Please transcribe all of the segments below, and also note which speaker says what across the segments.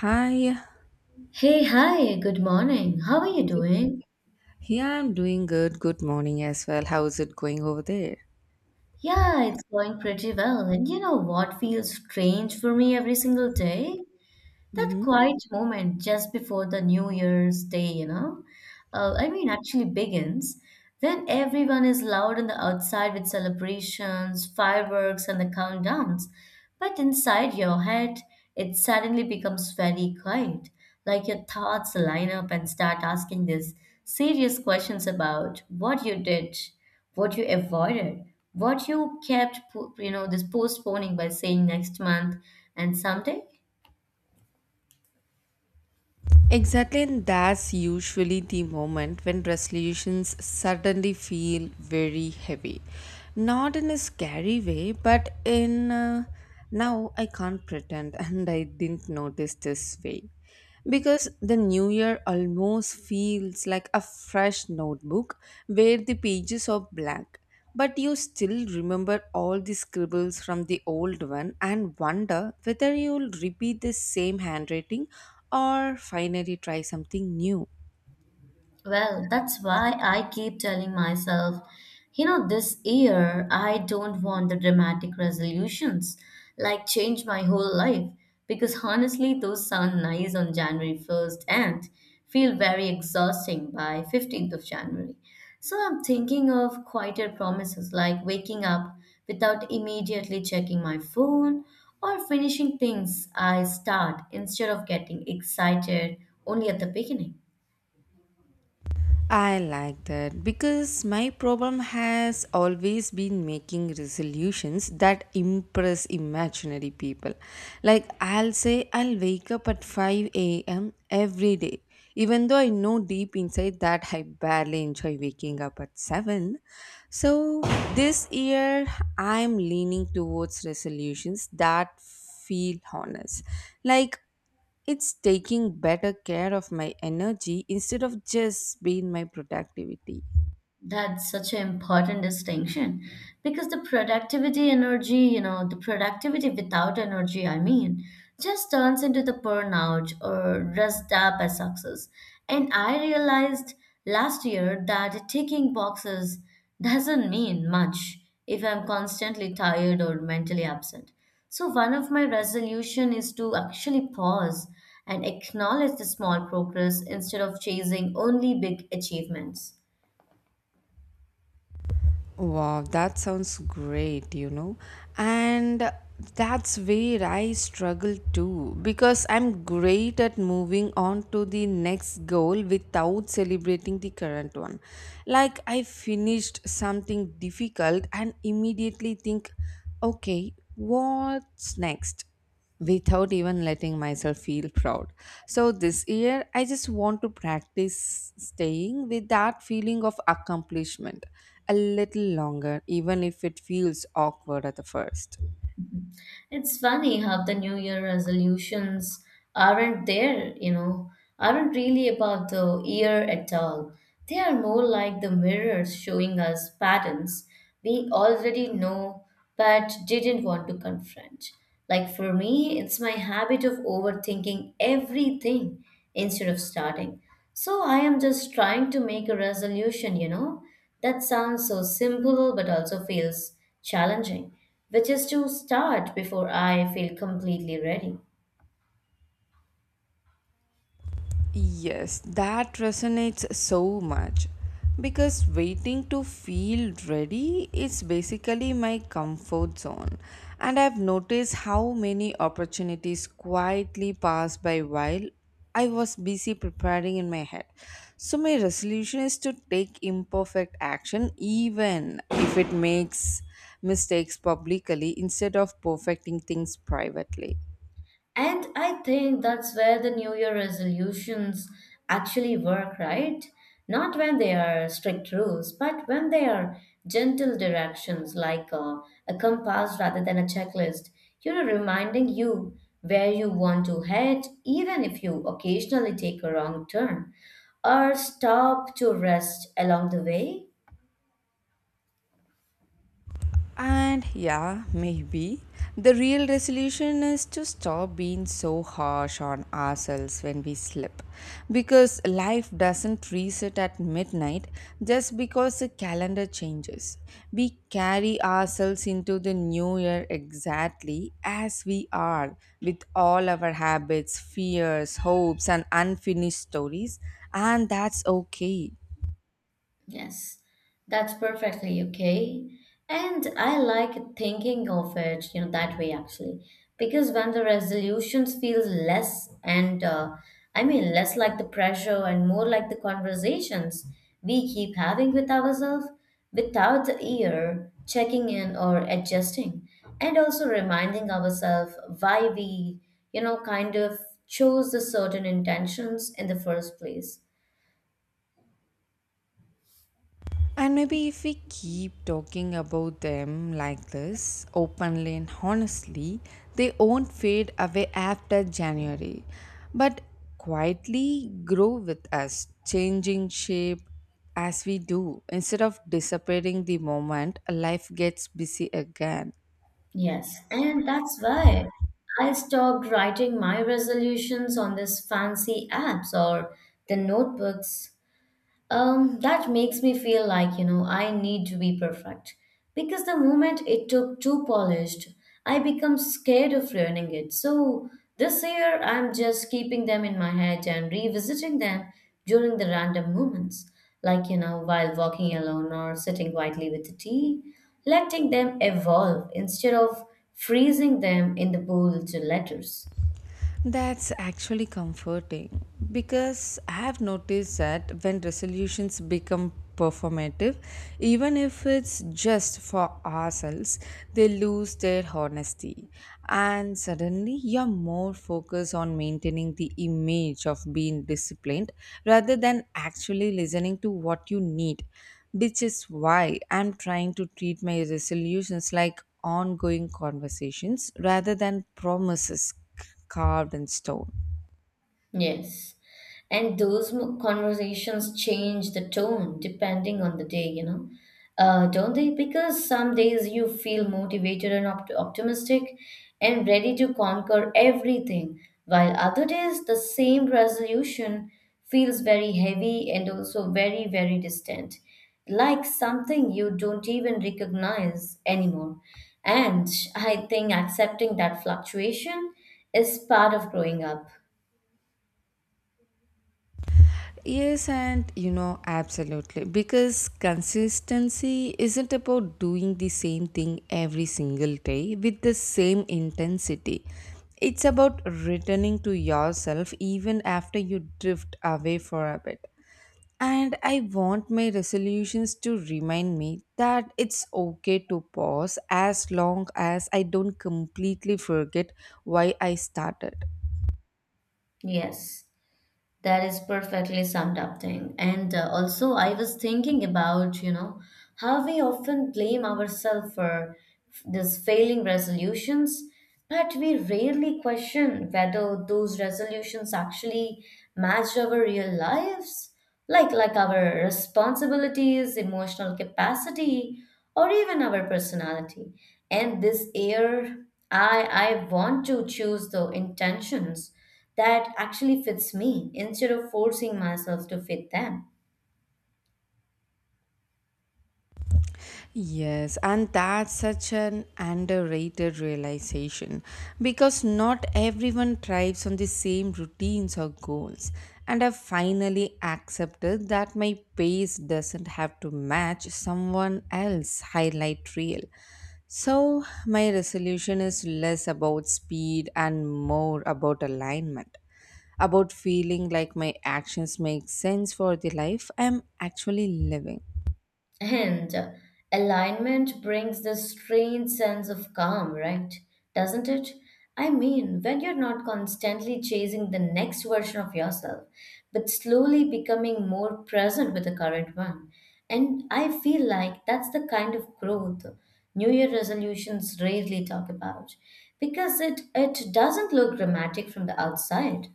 Speaker 1: Hi.
Speaker 2: Hey, hi, good morning. How are you doing?
Speaker 1: Yeah, I'm doing good. Good morning as well. How's it going over there?
Speaker 2: Yeah, it's going pretty well. And you know what feels strange for me every single day? That
Speaker 1: hmm
Speaker 2: quiet moment just before the New Year's Day, I mean, actually begins when everyone is loud on the outside with celebrations, fireworks, and the countdowns. But inside your head, it suddenly becomes very quiet. Like your thoughts line up and start asking these serious questions about what you did, what you avoided, what you kept, this postponing by saying next month and someday.
Speaker 1: Exactly, and that's usually the moment when resolutions suddenly feel very heavy. Not in a scary way, but in now I can't pretend, and I didn't notice this way. Because the new year almost feels like a fresh notebook where the pages are blank. But you still remember all the scribbles from the old one and wonder whether you'll repeat the same handwriting or finally try something new.
Speaker 2: Well, that's why I keep telling myself, this year I don't want the dramatic resolutions, like change my whole life, because honestly, those sound nice on January 1st and feel very exhausting by 15th of January. So I'm thinking of quieter promises like waking up without immediately checking my phone or finishing things I start instead of getting excited only at the beginning.
Speaker 1: I like that because my problem has always been making resolutions that impress imaginary people. Like, I'll say I'll wake up at 5 a.m. every day, even though I know deep inside that I barely enjoy waking up at 7. So, this year I'm leaning towards resolutions that feel honest. Like, it's taking better care of my energy instead of just being my productivity.
Speaker 2: That's such an important distinction because the productivity energy, the productivity without energy, I mean, just turns into the burnout or rust up as success. And I realized last year that ticking boxes doesn't mean much if I'm constantly tired or mentally absent. So one of my resolution is to actually pause and acknowledge the small progress instead of chasing only big achievements.
Speaker 1: Wow, that sounds great, you know. And that's where I struggle too because I'm great at moving on to the next goal without celebrating the current one. Like I finished something difficult and immediately think, okay, what's next? Without even letting myself feel proud. So this year, I just want to practice staying with that feeling of accomplishment a little longer, even if it feels awkward at the first.
Speaker 2: It's funny how the New Year resolutions aren't there, you know, aren't really about the year at all. They are more like the mirrors showing us patterns we already know but didn't want to confront. Like for me, it's my habit of overthinking everything instead of starting. So I am just trying to make a resolution, that sounds so simple but also feels challenging, which is to start before I feel completely ready.
Speaker 1: Yes, that resonates so much because waiting to feel ready is basically my comfort zone. And I've noticed how many opportunities quietly pass by while I was busy preparing in my head. So, my resolution is to take imperfect action even if it makes mistakes publicly instead of perfecting things privately.
Speaker 2: And I think that's where the New Year resolutions actually work, right? Not when they are strict rules, but when they are gentle directions like a compass rather than a checklist, reminding you where you want to head, even if you occasionally take a wrong turn or stop to rest along the way.
Speaker 1: And yeah, maybe the real resolution is to stop being so harsh on ourselves when we slip. Because life doesn't reset at midnight just because the calendar changes. We carry ourselves into the new year exactly as we are, with all our habits, fears, hopes, and unfinished stories, and that's okay.
Speaker 2: Yes, that's perfectly okay. And I like thinking of it, that way actually, because when the resolutions feel less and I mean less like the pressure and more like the conversations we keep having with ourselves without the ear checking in or adjusting, and also reminding ourselves why we, kind of chose the certain intentions in the first place.
Speaker 1: And maybe if we keep talking about them like this, openly and honestly, they won't fade away after January, but quietly grow with us, changing shape as we do, instead of disappearing the moment life gets busy again.
Speaker 2: Yes, and that's why I stopped writing my resolutions on these fancy apps or the notebooks. That makes me feel like, I need to be perfect. Because the moment it took too polished, I become scared of ruining it. So this year, I'm just keeping them in my head and revisiting them during the random moments. Like, while walking alone or sitting quietly with the tea, letting them evolve instead of freezing them in the bowl to letters.
Speaker 1: That's actually comforting because I have noticed that when resolutions become performative, even if it's just for ourselves, they lose their honesty. And suddenly you're more focused on maintaining the image of being disciplined rather than actually listening to what you need, which is why I'm trying to treat my resolutions like ongoing conversations rather than promises carved in stone.
Speaker 2: Yes. And those conversations change the tone depending on the day, don't they? Because some days you feel motivated and optimistic and ready to conquer everything, while other days the same resolution feels very heavy and also very, very distant, like something you don't even recognize anymore. And I think accepting that fluctuation is part of growing up.
Speaker 1: Yes, and you know, absolutely. Because consistency isn't about doing the same thing every single day with the same intensity. It's about returning to yourself even after you drift away for a bit. And I want my resolutions to remind me that it's okay to pause as long as I don't completely forget why I started.
Speaker 2: Yes, that is perfectly summed up thing. And also, I was thinking about, how we often blame ourselves for these failing resolutions, but we rarely question whether those resolutions actually match our real lives, like our responsibilities, emotional capacity, or even our personality. And this year, I want to choose the intentions that actually fits me instead of forcing myself to fit them.
Speaker 1: Yes, and that's such an underrated realization because not everyone thrives on the same routines or goals. And I finally accepted that my pace doesn't have to match someone else's highlight reel. So, my resolution is less about speed and more about alignment, about feeling like my actions make sense for the life I'm actually living.
Speaker 2: And alignment brings this strange sense of calm, right? Doesn't it? I mean, when you're not constantly chasing the next version of yourself, but slowly becoming more present with the current one. And I feel like that's the kind of growth New Year resolutions rarely talk about because it doesn't look dramatic from the outside.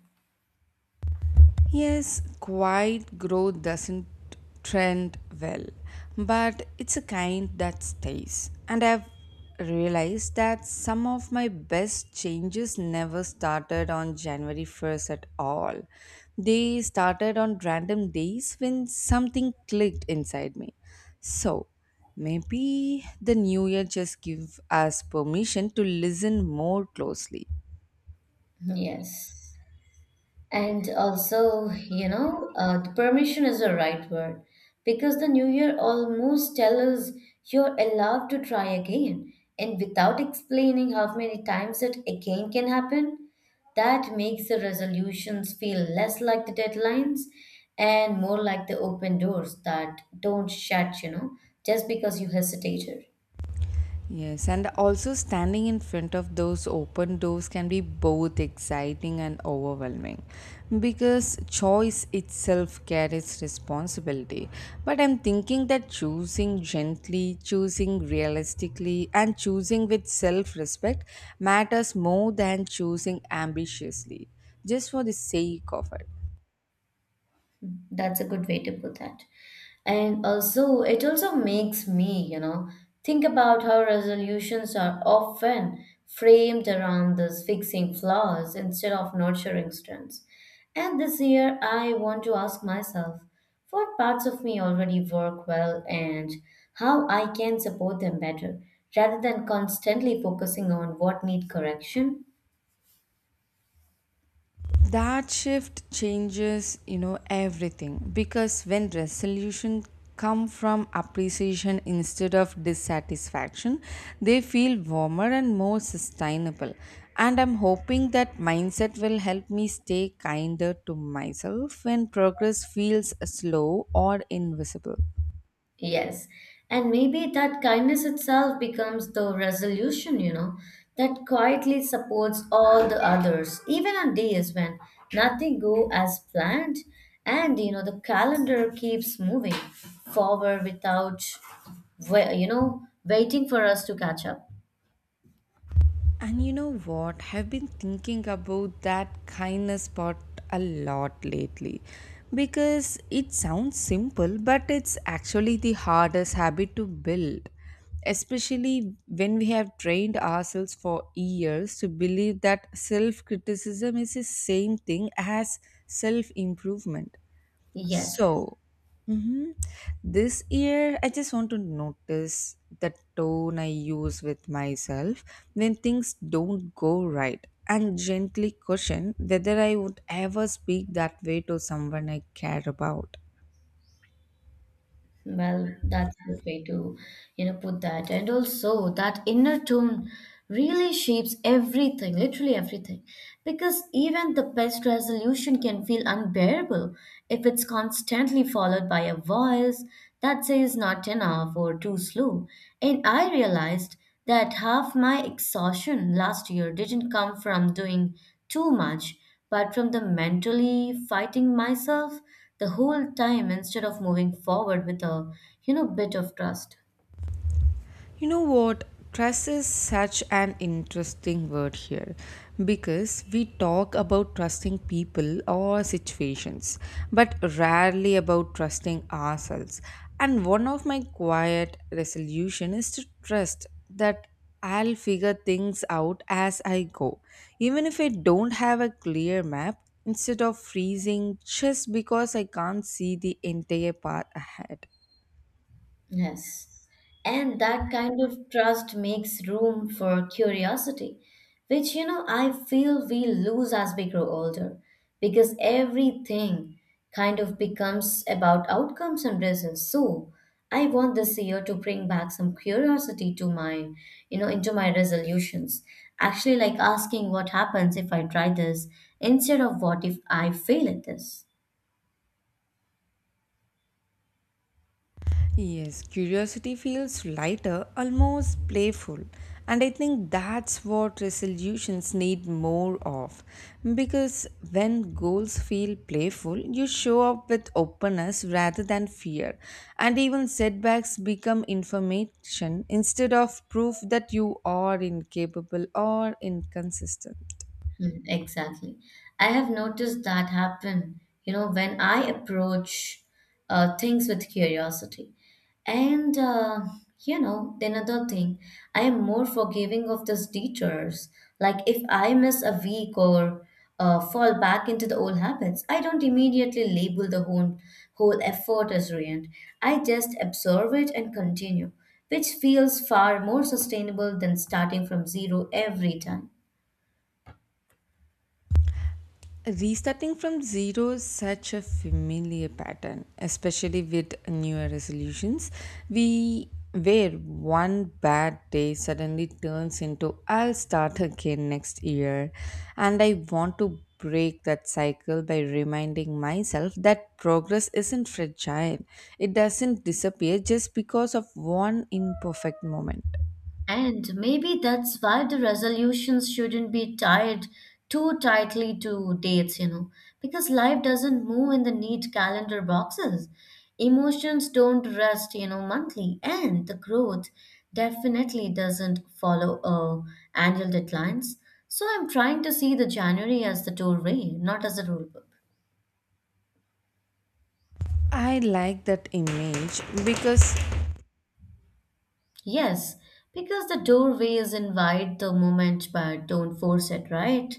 Speaker 1: Yes, quiet growth doesn't trend well, but it's a kind that stays. And I've realized that some of my best changes never started on January 1st at all. They started on random days when something clicked inside me. So, maybe the new year just give us permission to listen more closely.
Speaker 2: Yes. And also, the permission is the right word because the new year almost tells us you're allowed to try again. And without explaining how many times it again can happen, that makes the resolutions feel less like the deadlines and more like the open doors that don't shut, just because you hesitated.
Speaker 1: Yes, and also standing in front of those open doors can be both exciting and overwhelming because choice itself carries responsibility. But I'm thinking that choosing gently, choosing realistically, and choosing with self respect matters more than choosing ambitiously just for the sake of it.
Speaker 2: That's a good way to put that. And also, it also makes me, think about how resolutions are often framed around this fixing flaws instead of nurturing strengths. And this year, I want to ask myself what parts of me already work well and how I can support them better rather than constantly focusing on what need correction.
Speaker 1: That shift changes, you know, everything, because when resolution come from appreciation instead of dissatisfaction, they feel warmer and more sustainable, and I'm hoping that mindset will help me stay kinder to myself when progress feels slow or invisible.
Speaker 2: Yes. And maybe that kindness itself becomes the resolution, that quietly supports all the others, even on days when nothing go as planned, and the calendar keeps moving forward without waiting for us to catch up.
Speaker 1: And you know what? I've been thinking about that kindness part a lot lately because it sounds simple, but it's actually the hardest habit to build, especially when we have trained ourselves for years to believe that self criticism is the same thing as self improvement.
Speaker 2: Yes.
Speaker 1: So, mhm, this year I just want to notice the tone I use with myself when things don't go right and gently question whether I would ever speak that way to someone I care about.
Speaker 2: Well, that's a good way to, put that. And also, that inner tone really shapes everything, literally everything. Because even the best resolution can feel unbearable if it's constantly followed by a voice that says not enough or too slow. And I realized that half my exhaustion last year didn't come from doing too much, but from the mentally fighting myself the whole time instead of moving forward with a bit of trust.
Speaker 1: You know what? Trust is such an interesting word here because we talk about trusting people or situations, but rarely about trusting ourselves. And one of my quiet resolution is to trust that I'll figure things out as I go. Even if I don't have a clear map, instead of freezing just because I can't see the entire path ahead.
Speaker 2: Yes. And that kind of trust makes room for curiosity, which, I feel we lose as we grow older because everything kind of becomes about outcomes and results. So I want this year to bring back some curiosity to into my resolutions. Actually, like asking what happens if I try this instead of what if I fail at this.
Speaker 1: Yes, curiosity feels lighter, almost playful. And I think that's what resolutions need more of. Because when goals feel playful, you show up with openness rather than fear. And even setbacks become information instead of proof that you are incapable or inconsistent.
Speaker 2: Mm, exactly. I have noticed that happen, when I approach things with curiosity. And, then another thing, I am more forgiving of those detours. Like if I miss a week or fall back into the old habits, I don't immediately label the whole effort as ruined. I just observe it and continue, which feels far more sustainable than starting from zero every time.
Speaker 1: Restarting from zero is such a familiar pattern, especially with newer resolutions. We where one bad day suddenly turns into I'll start again next year. And I want to break that cycle by reminding myself that progress isn't fragile. It doesn't disappear just because of one imperfect moment.
Speaker 2: And maybe that's why the resolutions shouldn't be tied too tightly to dates, because life doesn't move in the neat calendar boxes. Emotions don't rest, monthly, and the growth definitely doesn't follow annual deadlines. So I'm trying to see the January as the doorway, not as a rule book.
Speaker 1: I like that image because
Speaker 2: Yes, because the doorways invite the moment but don't force it, right?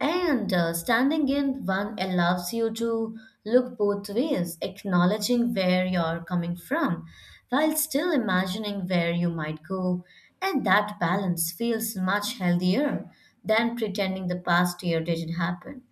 Speaker 2: And standing in one allows you to look both ways, acknowledging where you're coming from while still imagining where you might go. And that balance feels much healthier than pretending the past year didn't happen.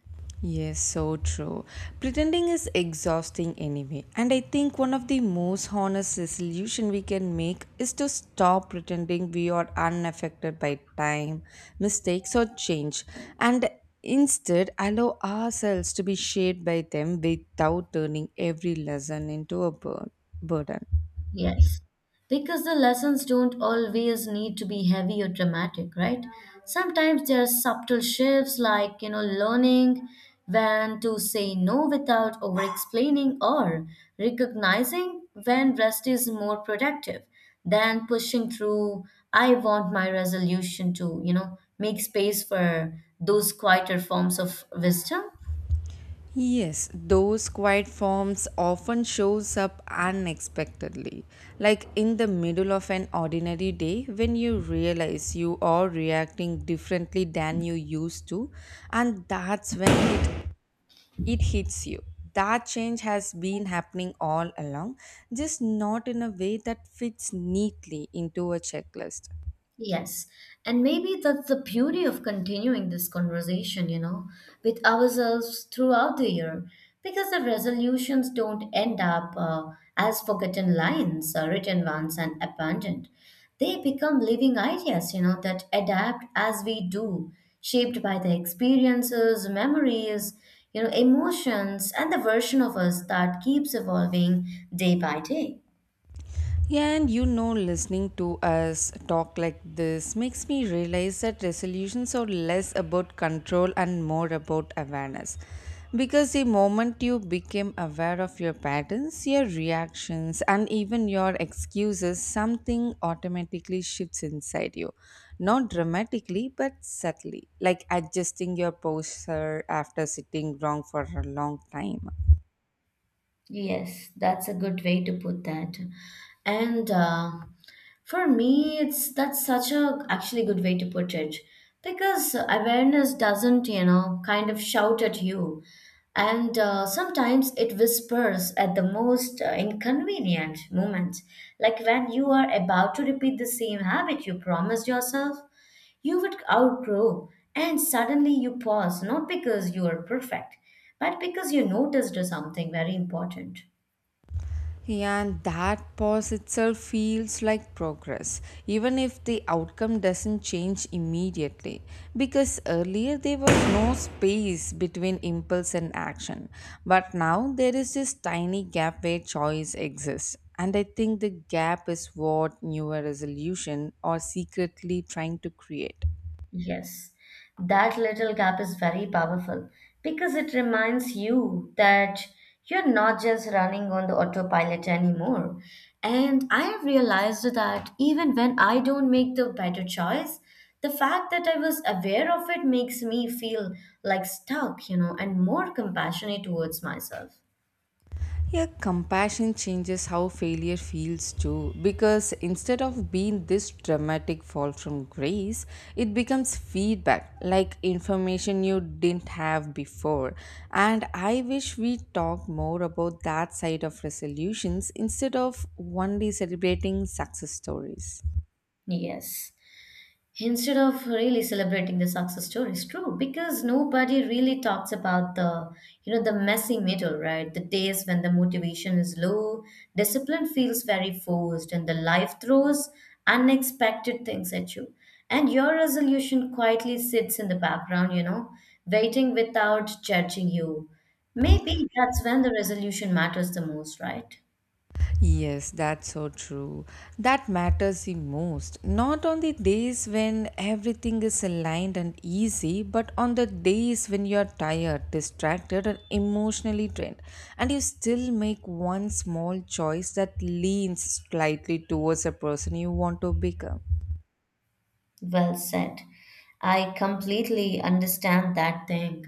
Speaker 1: yes, so true. Pretending is exhausting anyway, and I think one of the most honest resolution we can make is to stop pretending we are unaffected by time, mistakes, or change, and instead allow ourselves to be shaped by them without turning every lesson into a burden.
Speaker 2: Yes, because the lessons don't always need to be heavy or dramatic, right? Sometimes there are subtle shifts like, learning when to say no without over explaining or recognizing when rest is more productive than pushing through. I want my resolution to, make space for those quieter forms of wisdom.
Speaker 1: Yes, those quiet forms often shows up unexpectedly, like in the middle of an ordinary day when you realize you are reacting differently than you used to, and that's when it hits you. That change has been happening all along, just not in a way that fits neatly into a checklist.
Speaker 2: Yes, and maybe that's the beauty of continuing this conversation, with ourselves throughout the year, because the resolutions don't end up as forgotten lines, written ones, and abandoned. They become living ideas, that adapt as we do, shaped by the experiences, memories, emotions, and the version of us that keeps evolving day by day.
Speaker 1: And you know, listening to us talk like this makes me realize that resolutions are less about control and more about awareness. Because the moment you became aware of your patterns, your reactions, and even your excuses, something automatically shifts inside you. Not dramatically, but subtly, like adjusting your posture after sitting wrong for a long time.
Speaker 2: Yes, that's a good way to put that. And for me, it's that's such a actually good way to put it because awareness doesn't, kind of shout at you, and sometimes it whispers at the most inconvenient moment, like when you are about to repeat the same habit you promised yourself you would outgrow, and suddenly you pause, not because you are perfect but because you noticed something very important.
Speaker 1: And that pause itself feels like progress, even if the outcome doesn't change immediately. Because earlier there was no space between impulse and action, but now there is this tiny gap where choice exists. And I think the gap is what newer resolution are secretly trying to create.
Speaker 2: Yes, that little gap is very powerful because it reminds you that you're not just running on the autopilot anymore. And I have realized that even when I don't make the better choice, the fact that I was aware of it makes me feel like stuck, and more compassionate towards myself.
Speaker 1: Yeah, compassion changes how failure feels too, because instead of being this dramatic fall from grace, it becomes feedback, like information you didn't have before. And I wish we talk more about that side of resolutions instead of only celebrating success stories.
Speaker 2: Yes. Instead of really celebrating the success stories, true, because nobody really talks about the you know the messy middle, right? The days when the motivation is low, discipline feels very forced, and the life throws unexpected things at you, and your resolution quietly sits in the background, waiting without judging you. Maybe that's when the resolution matters the most, right?
Speaker 1: Yes, that's so true. That matters the most. Not on the days when everything is aligned and easy, but on the days when you're tired, distracted, and emotionally drained, and you still make one small choice that leans slightly towards the person you want to become.
Speaker 2: Well said. I completely understand that thing.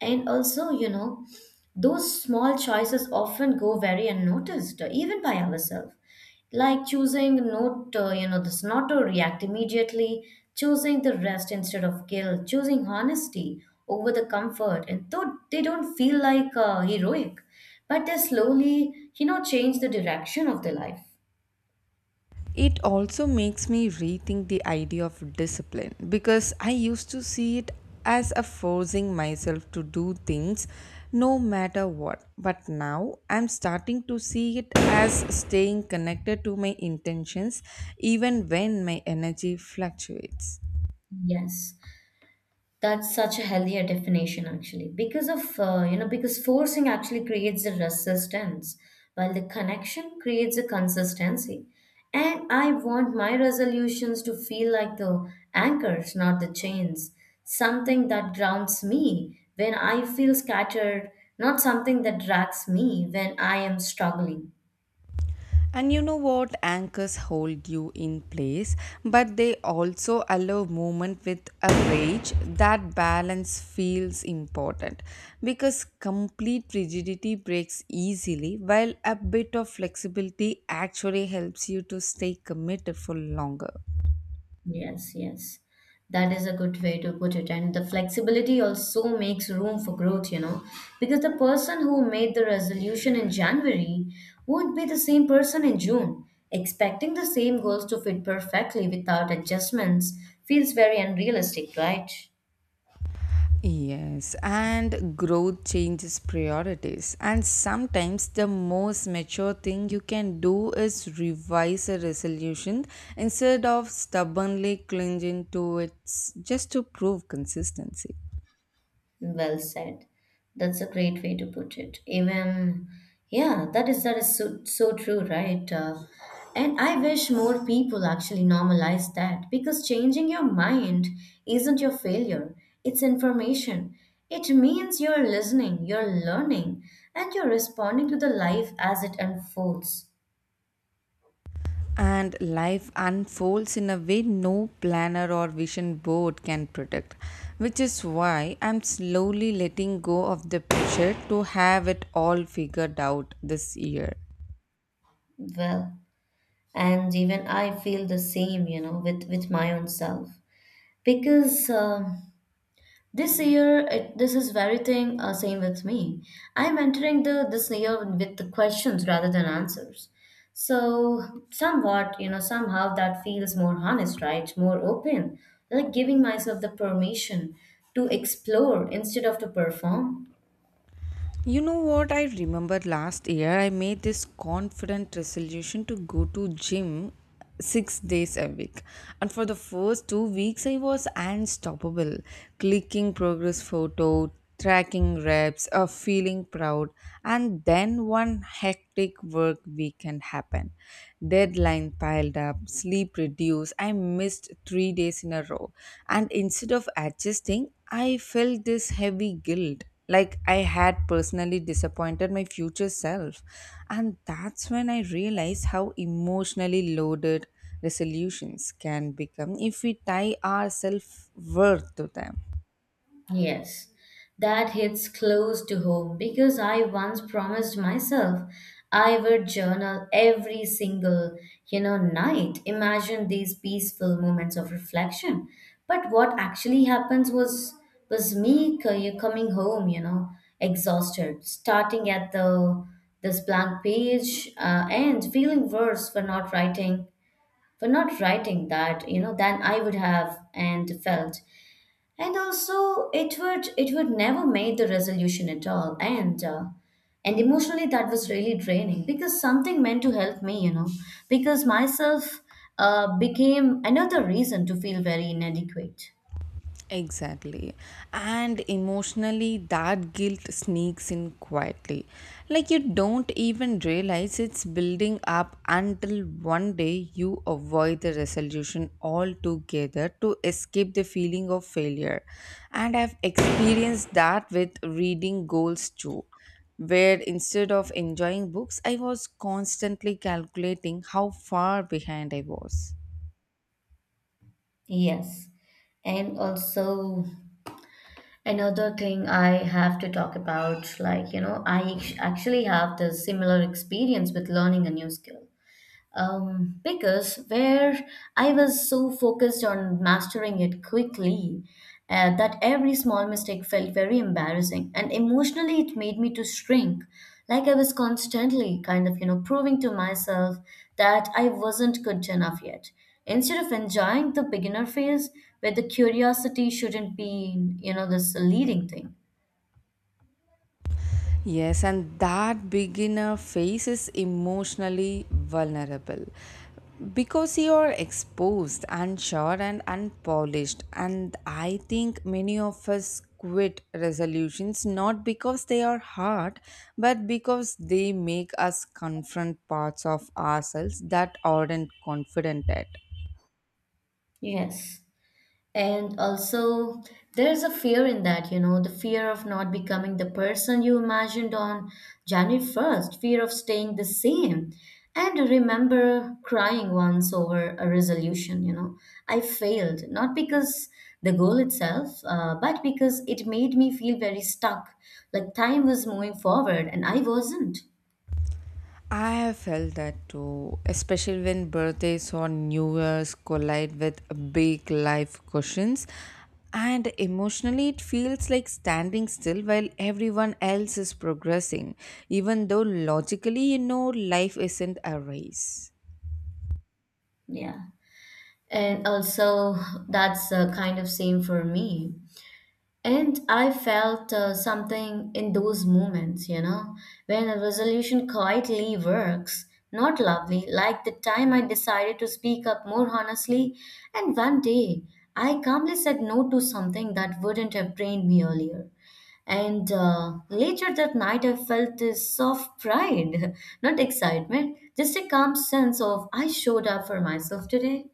Speaker 2: And also, those small choices often go very unnoticed, even by ourselves. Like choosing not, you know, this not to react immediately, choosing the rest instead of guilt, choosing honesty over the comfort. And though they don't feel like heroic, but they slowly, change the direction of their life.
Speaker 1: It also makes me rethink the idea of discipline because I used to see it as a forcing myself to do things no matter what. But now I'm starting to see it as staying connected to my intentions even when my energy fluctuates.
Speaker 2: Yes. That's such a healthier definition, actually, because of because forcing actually creates a resistance, while the connection creates a consistency. And I want my resolutions to feel like the anchors, not the chains, something that grounds me when I feel scattered, not something that drags me when I am struggling.
Speaker 1: And you know what? Anchors hold you in place, but they also allow movement with a rage. That balance feels important because complete rigidity breaks easily, while a bit of flexibility actually helps you to stay committed for longer.
Speaker 2: Yes, yes. That is a good way to put it. And the flexibility also makes room for growth, you know, because the person who made the resolution in January won't be the same person in June. Expecting the same goals to fit perfectly without adjustments feels very unrealistic, right?
Speaker 1: Yes, and growth changes priorities. And sometimes the most mature thing you can do is revise a resolution instead of stubbornly clinging to it just to prove consistency.
Speaker 2: Well said. That's a great way to put it. Even, yeah, that is so so true, right? And I wish more people actually normalize that because changing your mind isn't your failure. It's information. It means you're listening, you're learning, and you're responding to the life as it unfolds.
Speaker 1: And life unfolds in a way no planner or vision board can predict, which is why I'm slowly letting go of the pressure to have it all figured out this year.
Speaker 2: Well, and even I feel the same, you know, with my own self because. This year, this is very thing, same with me. I'm entering the this year with the questions rather than answers. So somehow that feels more honest, right? More open, like giving myself the permission to explore instead of to perform.
Speaker 1: You know what, I remember last year I made this confident resolution to go to gym 6 days a week, and for the first 2 weeks I was unstoppable, clicking progress photo, tracking reps, feeling proud. And then one hectic work weekend happened, deadline piled up, sleep reduced, I missed 3 days in a row. And instead of adjusting, I felt this heavy guilt, like I had personally disappointed my future self. And that's when I realized how emotionally loaded resolutions can become if we tie our self-worth to them.
Speaker 2: Yes, that hits close to home because I once promised myself I would journal every single, night. Imagine these peaceful moments of reflection. But what actually happens was me co- you coming home, you know, exhausted, starting at the this blank page and feeling worse for not writing that, you know, than I would have and felt. And also it would never made the resolution at all, and emotionally that was really draining because something meant to help me, you know, because myself, became another reason to feel very inadequate.
Speaker 1: Exactly. And emotionally, that guilt sneaks in quietly. Like you don't even realize it's building up until one day you avoid the resolution altogether to escape the feeling of failure. And I've experienced that with reading goals too. Where instead of enjoying books, I was constantly calculating how far behind I was.
Speaker 2: Yes, and also another thing I have to talk about, like, you know, I actually have the similar experience with learning a new skill. Because where I was so focused on mastering it quickly, that every small mistake felt very embarrassing, and emotionally it made me to shrink. Like I was constantly kind of, you know, proving to myself that I wasn't good enough yet. Instead of enjoying the beginner phase where the curiosity shouldn't be, you know, this leading thing.
Speaker 1: Yes, and that beginner phase is emotionally vulnerable because you are exposed, unsure, and unpolished. And I think many of us quit resolutions not because they are hard, but because they make us confront parts of ourselves that aren't confident at.
Speaker 2: Yes. And also, there's a fear in that, you know, the fear of not becoming the person you imagined on January 1st, fear of staying the same. And I remember crying once over a resolution, you know. I failed, not because the goal itself, but because it made me feel very stuck. Like time was moving forward and I wasn't.
Speaker 1: I have felt that too, especially when birthdays or New Year's collide with big life questions. And emotionally, it feels like standing still while everyone else is progressing, even though logically, you know, life isn't a race.
Speaker 2: Yeah. And also, that's kind of same for me. And I felt something in those moments, you know, when a resolution quietly works. Not loudly, like the time I decided to speak up more honestly, and one day I calmly said no to something that wouldn't have drained me earlier. And later that night, I felt this soft pride, not excitement, just a calm sense of I showed up for myself today.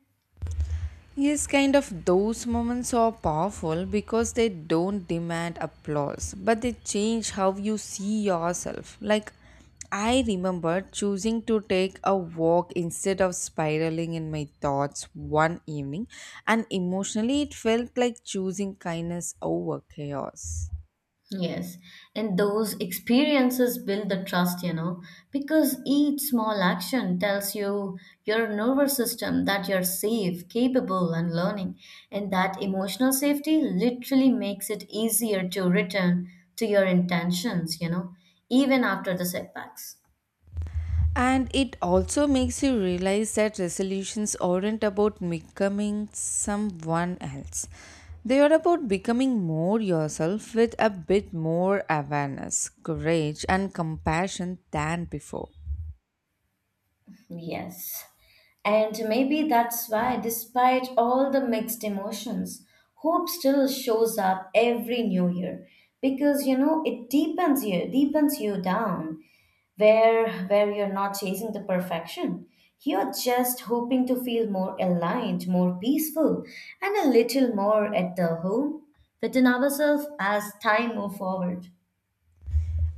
Speaker 1: Yes, kind of those moments are powerful because they don't demand applause, but they change how you see yourself. Like, I remember choosing to take a walk instead of spiraling in my thoughts one evening, and emotionally, it felt like choosing kindness over chaos.
Speaker 2: Yes, and those experiences build the trust, you know, because each small action tells you your nervous system that you're safe, capable, and learning. And that emotional safety literally makes it easier to return to your intentions, you know, even after the setbacks.
Speaker 1: And it also makes you realize that resolutions aren't about becoming someone else. They are about becoming more yourself with a bit more awareness, courage, and compassion than before.
Speaker 2: Yes. And maybe that's why, despite all the mixed emotions, hope still shows up every new year because you know it deepens you down where you're not chasing the perfection. You're just hoping to feel more aligned, more peaceful, and a little more at the home within ourselves as time move forward.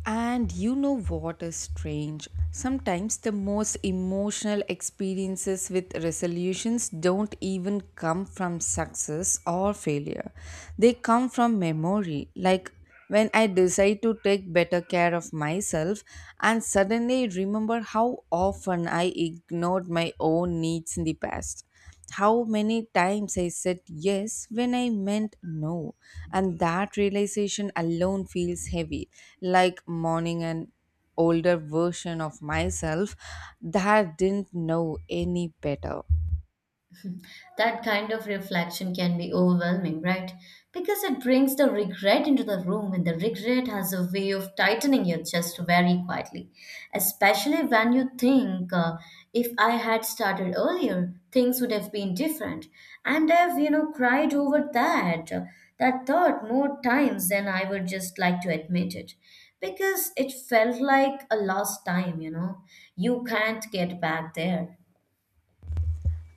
Speaker 1: And you know what is strange? Sometimes the most emotional experiences with resolutions don't even come from success or failure. They come from memory. Like when I decide to take better care of myself and suddenly remember how often I ignored my own needs in the past, how many times I said yes when I meant no. And that realization alone feels heavy, like mourning an older version of myself that didn't know any better.
Speaker 2: That kind of reflection can be overwhelming, right? Because it brings the regret into the room, and the regret has a way of tightening your chest very quietly. Especially when you think, if I had started earlier, things would have been different. And I've, you know, cried over that, that thought more times than I would just like to admit it. Because it felt like a lost time, you know. You can't get back there.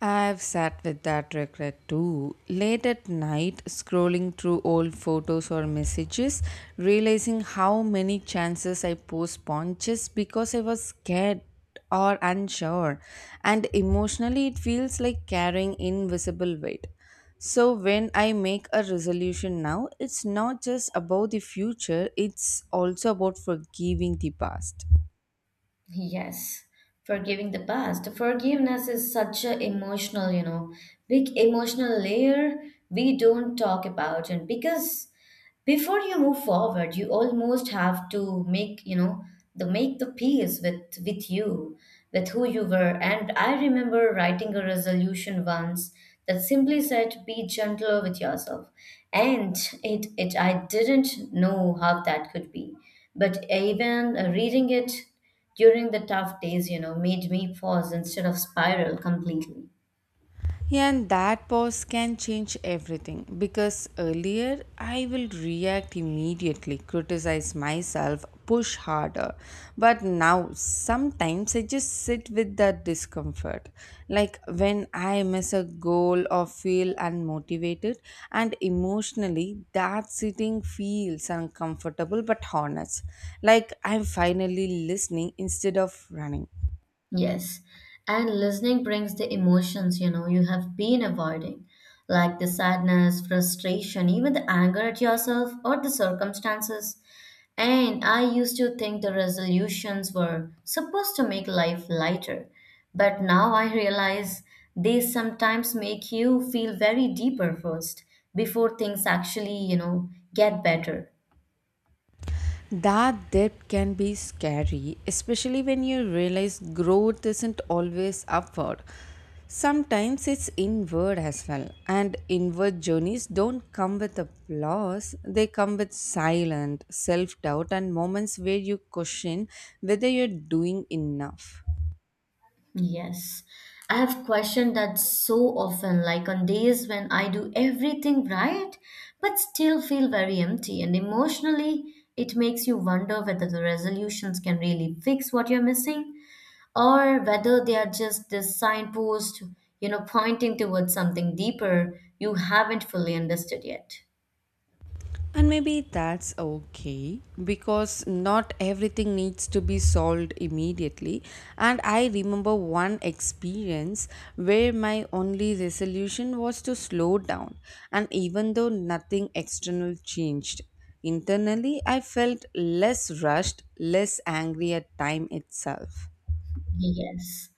Speaker 1: I've sat with that regret too. Late at night, scrolling through old photos or messages, realizing how many chances I postponed just because I was scared or unsure. And emotionally, it feels like carrying invisible weight. So, when I make a resolution now, it's not just about the future, it's also about forgiving the past.
Speaker 2: Yes, forgiving the past. Forgiveness is such a emotional, you know, big emotional layer we don't talk about, and because before you move forward you almost have to make, you know, the make the peace with you, with who you were. And I remember writing a resolution once that simply said be gentler with yourself. And it I didn't know how that could be, but even reading it during the tough days, you know, made me pause instead of spiral completely.
Speaker 1: Yeah, and that pause can change everything because earlier I will react immediately, criticize myself, push harder. But now sometimes I just sit with that discomfort. Like when I miss a goal or feel unmotivated, and emotionally that sitting feels uncomfortable but honest. Like I'm finally listening instead of running.
Speaker 2: Yes, and listening brings the emotions you know you have been avoiding, like the sadness, frustration, even the anger at yourself or the circumstances. And I used to think the resolutions were supposed to make life lighter, but now I realize they sometimes make you feel very deeper first before things actually, you know, get better.
Speaker 1: That depth can be scary, especially when you realize growth isn't always upward. Sometimes it's inward as well, and inward journeys don't come with applause, they come with silent self doubt and moments where you question whether you're doing enough.
Speaker 2: Yes, I have questioned that so often, like on days when I do everything right, but still feel very empty, and emotionally, it makes you wonder whether the resolutions can really fix what you're missing or whether they are just this signpost, you know, pointing towards something deeper you haven't fully understood yet.
Speaker 1: And maybe that's okay because not everything needs to be solved immediately. And I remember one experience where my only resolution was to slow down. And even though nothing external changed, internally I felt less rushed, less angry at time itself.
Speaker 2: Yes.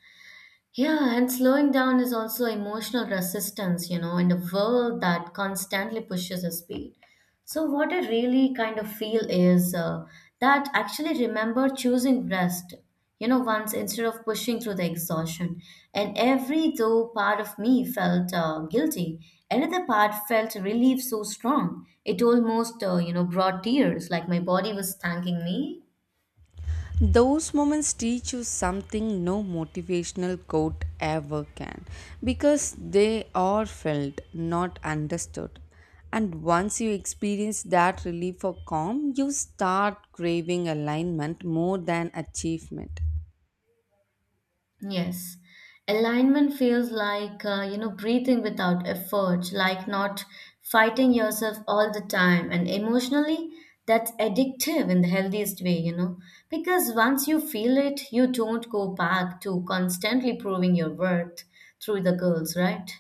Speaker 2: Yeah, and slowing down is also emotional resistance, you know, in a world that constantly pushes us speed. So, what I really kind of feel is that actually remember choosing rest, you know, once instead of pushing through the exhaustion. And every though part of me felt guilty, another part felt relief so strong. It almost, brought tears, like my body was thanking me.
Speaker 1: Those moments teach you something no motivational quote ever can because they are felt, not understood. And once you experience that relief or calm, you start craving alignment more than achievement.
Speaker 2: Yes. Alignment feels like, breathing without effort, like not fighting yourself all the time. And emotionally, that's addictive in the healthiest way, you know, because once you feel it, you don't go back to constantly proving your worth through the girls, right?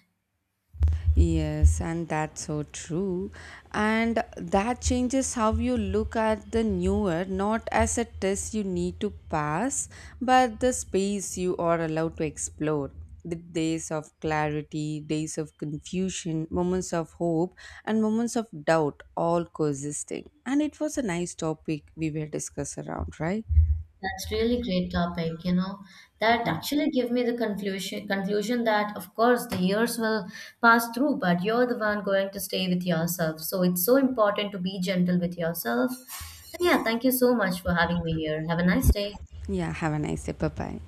Speaker 1: Yes, and that's so true. And that changes how you look at the newer, not as a test you need to pass, but the space you are allowed to explore. The days of clarity, days of confusion, moments of hope, and moments of doubt all coexisting. And it was a nice topic we were discussing around, right?
Speaker 2: That's really great topic, you know. That actually give me the conclusion that of course the years will pass through, but you're the one going to stay with yourself. So it's so important to be gentle with yourself. And yeah, thank you so much for having me here. Have a nice day.
Speaker 1: Yeah, have a nice day. Bye bye.